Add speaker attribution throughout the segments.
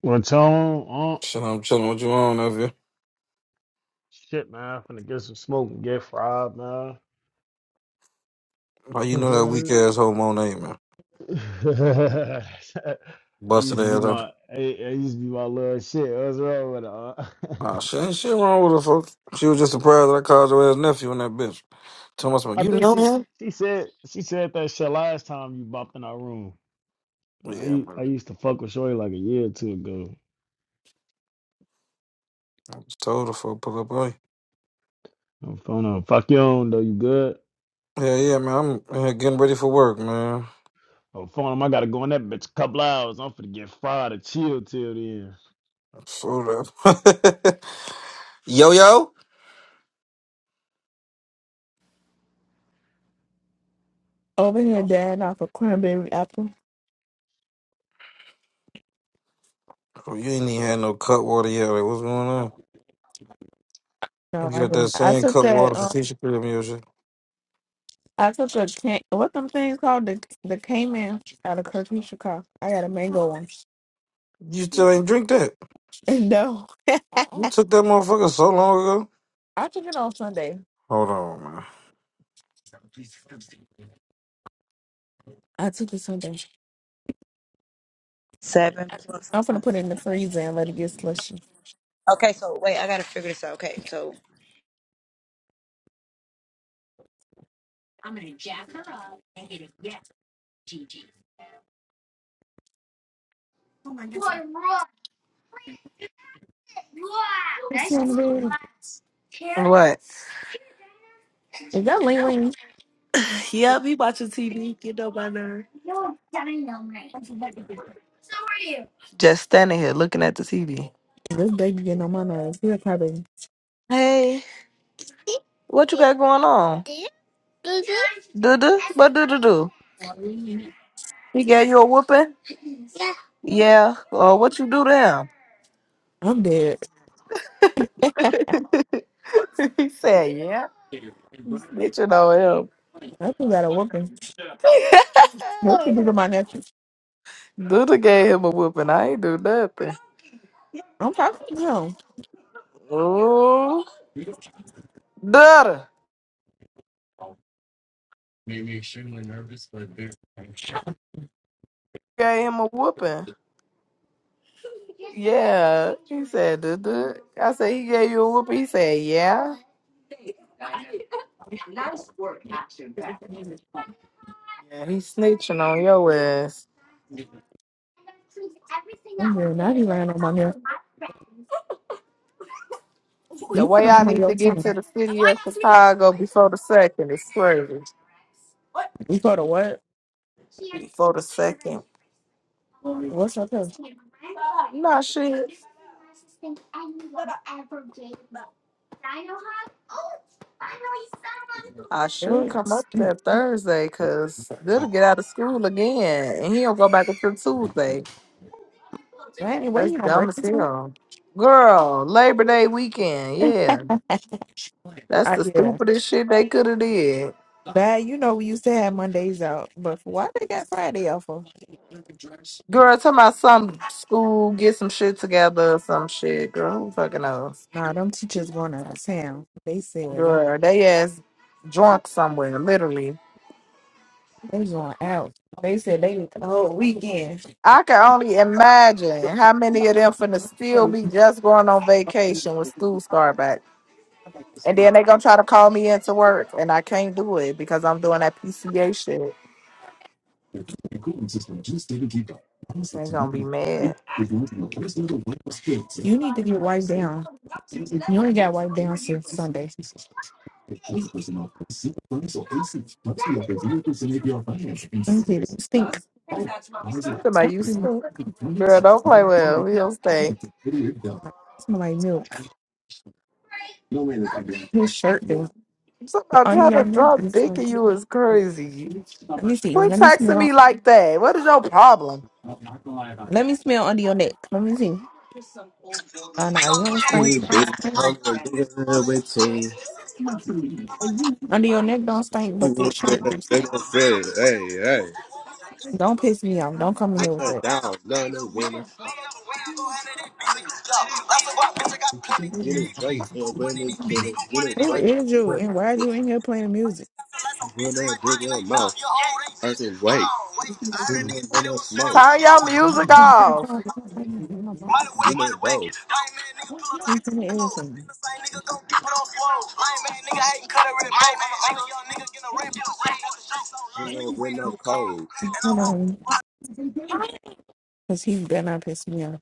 Speaker 1: Well, Tone, uh,
Speaker 2: Shit, I'm chilling with you on, nephew.
Speaker 1: shit, man, I'm finna get some smoke and get fried, man.
Speaker 2: How you
Speaker 1: Fuck
Speaker 2: know that weak
Speaker 1: right.
Speaker 2: ass homo name, man?
Speaker 1: It
Speaker 2: Busted
Speaker 1: used to be
Speaker 2: ass
Speaker 1: my,
Speaker 2: up.
Speaker 1: it, it used to be my little shit. What's wrong with her? uh?
Speaker 2: Ah, shit ain't shit wrong with her, folks. She was just surprised that I called your ass nephew and that bitch. Told myself,
Speaker 1: I
Speaker 2: you
Speaker 1: think
Speaker 2: know
Speaker 1: she,
Speaker 2: him?
Speaker 1: she said, she said that shit last time you bopped in our room. I,
Speaker 2: Yeah,
Speaker 1: u-
Speaker 2: man.
Speaker 1: I used to fuck with Shorty like a year or two ago.
Speaker 2: I just told her, folks, pull up on you.
Speaker 1: I'm phone on, fuck your own though. You good?
Speaker 2: Yeah, yeah, man. I'm uh, getting ready for work, man.
Speaker 1: I'm phone him. I gotta go in that bitch a couple hours. I'm finna get fried and chill till then.
Speaker 2: So that. yo, yo?
Speaker 3: Over here, Dad, off a cranberry apple.
Speaker 2: Oh, you ain't even had no cut water yet. Like, what's going on?
Speaker 3: No,
Speaker 2: You
Speaker 3: I
Speaker 2: got that
Speaker 3: didn't. I
Speaker 2: same
Speaker 3: took
Speaker 2: cut water
Speaker 3: that.
Speaker 2: from
Speaker 3: Um,
Speaker 2: Tisha Crib and your shit.
Speaker 3: I took a can. What them things called the the Cayman out of Kirkisha car. I got a mango one.
Speaker 2: You still ain't drink that.
Speaker 3: No,
Speaker 2: You
Speaker 3: I
Speaker 2: took that motherfucker so long ago.
Speaker 3: took it on Sunday.
Speaker 2: Hold on, man.
Speaker 3: I took it Sunday.
Speaker 4: Seven plus
Speaker 3: I'm gonna
Speaker 4: one.
Speaker 3: put it in the freezer and let it get slushy.
Speaker 4: Okay, so wait, I gotta figure this out. Okay, so
Speaker 3: Oh my goodness. It's on the
Speaker 5: What?
Speaker 3: Is that Ling Ling?
Speaker 5: Yep, he watching TV. Get up on there. Just standing here looking at the TV.
Speaker 3: This baby getting on my nerves. He's probably.
Speaker 5: Hey, what you got going on? Doo doo? What doo doo do? He gave you a whooping? Yeah. Uh, what you do to
Speaker 3: I'm dead.
Speaker 5: him? he said, yeah. Snitching on him.
Speaker 3: I think got a whooping. What you do to my nephew?
Speaker 5: Duda gave him a whooping. I ain't do nothing.
Speaker 3: I'm talking to him.
Speaker 5: Oh, Duda gave him a whooping. Yeah. He said, Duda. I said, he gave you a whooping. He said, yeah. Yeah, he snitching on your ass.
Speaker 3: I'm doing not right on my mirror.
Speaker 5: The
Speaker 3: You
Speaker 5: way
Speaker 3: come
Speaker 5: I
Speaker 3: from
Speaker 5: need
Speaker 3: your
Speaker 5: to get
Speaker 3: tongue.
Speaker 5: to the city of Chicago before the second is crazy.
Speaker 3: You go to what?
Speaker 5: Before the second.
Speaker 3: What's up there?
Speaker 5: No shit. I should come up there Thursday because they'll get out of school again and he'll go back until Tuesday.
Speaker 3: Randy, what
Speaker 5: That's
Speaker 3: you gonna
Speaker 5: dumb
Speaker 3: break
Speaker 5: as
Speaker 3: the tongue?
Speaker 5: hell. Girl, Labor Day weekend, yeah. That's
Speaker 3: I
Speaker 5: the
Speaker 3: yeah.
Speaker 5: stupidest shit they could have did.
Speaker 3: Bad, you know we used to have Mondays out, but why they got Friday off for?
Speaker 5: Girl, tell my some school get some shit together or some shit. Girl, who fucking knows?
Speaker 3: Nah, them teachers going out of town. They said they
Speaker 5: Girl, they ass drunk somewhere, literally.
Speaker 3: they going out. They said they need the whole weekend.
Speaker 5: I can only imagine how many of them finna still be just going on vacation with school start back. And then they gonna try to call me into work and I can't do it because I'm doing that PCA shit. They gonna be mad.
Speaker 3: You need to get wiped down. You only got wiped down since Sunday. Them kids stink. That
Speaker 5: Somebody you
Speaker 3: thing
Speaker 5: stink. Girl, don't play well. We don't stink.
Speaker 3: Smell like milk. His shirt do.
Speaker 5: Somebody
Speaker 3: Under
Speaker 5: trying
Speaker 3: your
Speaker 5: to
Speaker 3: neck.
Speaker 5: drop
Speaker 3: and
Speaker 5: dick
Speaker 3: stuff.
Speaker 5: in you is crazy.
Speaker 3: Let me see.
Speaker 5: Quit
Speaker 3: Let me
Speaker 5: texting
Speaker 3: smell.
Speaker 5: me like that. What is your problem?
Speaker 3: Let me smell under your neck. Let me see. No, no, you don't stink.
Speaker 6: We
Speaker 3: You
Speaker 6: be
Speaker 3: don't stink.
Speaker 6: on the nigga with team.
Speaker 3: Under your neck don't stink, but the
Speaker 6: We get
Speaker 3: shirt
Speaker 6: a
Speaker 3: do stink.
Speaker 6: nigga fit. Hey, hey.
Speaker 3: Don't piss me off. Don't come in here with
Speaker 6: Nigga
Speaker 3: that.
Speaker 6: down, none of winning. Get a Drake and win it, kill it. Get a
Speaker 3: Who
Speaker 6: Drake.
Speaker 3: is you? And why are you
Speaker 6: and
Speaker 3: in here playing music?
Speaker 6: Win it, win your mouth. I said, wait. Win a
Speaker 5: Turn your music
Speaker 6: smoke.
Speaker 3: I'm so
Speaker 5: off.
Speaker 3: sorry. I'm so
Speaker 6: Might have You
Speaker 3: sorry.
Speaker 6: went,
Speaker 3: He's gonna
Speaker 6: the dough.
Speaker 3: irritate me.
Speaker 6: ain't no, nigga, no
Speaker 3: Hold
Speaker 6: cold.
Speaker 3: on. Because he better not piss me off.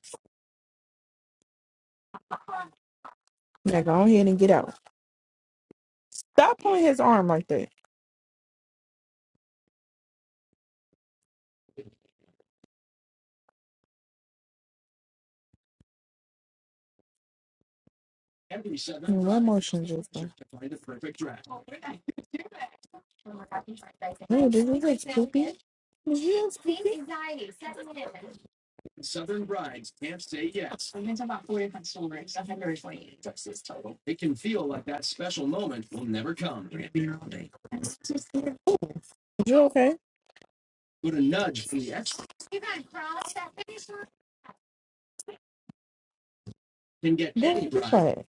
Speaker 3: Now go ahead and get out. Stop pulling his arm like that. What motion is that? No, this is like Scoopy. Is you Scoopy? Is you okay? Then you play.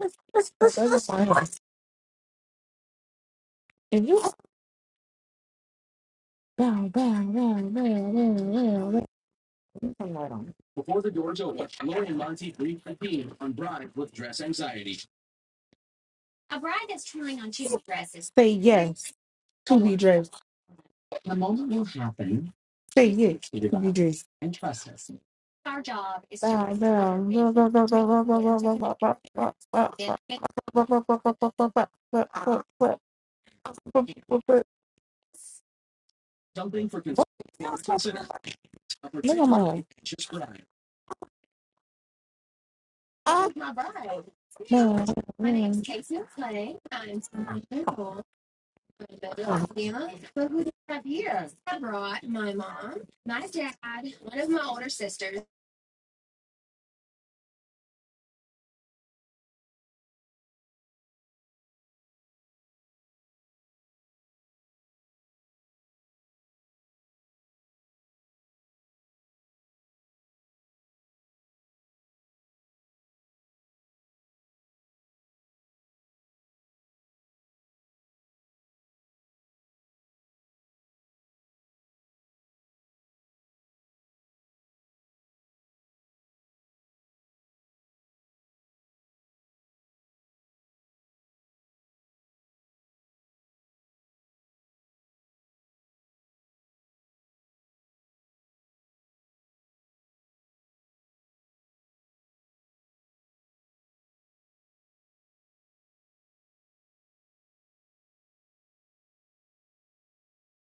Speaker 3: Let's let's let's let's find out. If you bow bow bow bow bow bow bow, come right on. Say yes to be dressed. Say yes to be dressed. Bow bow bow bow bow bow bow bow bow bow bow bow bow bow bow bow bow bow bow bow bow bow bow bow. But, but, but look at mine. Ah, man, man.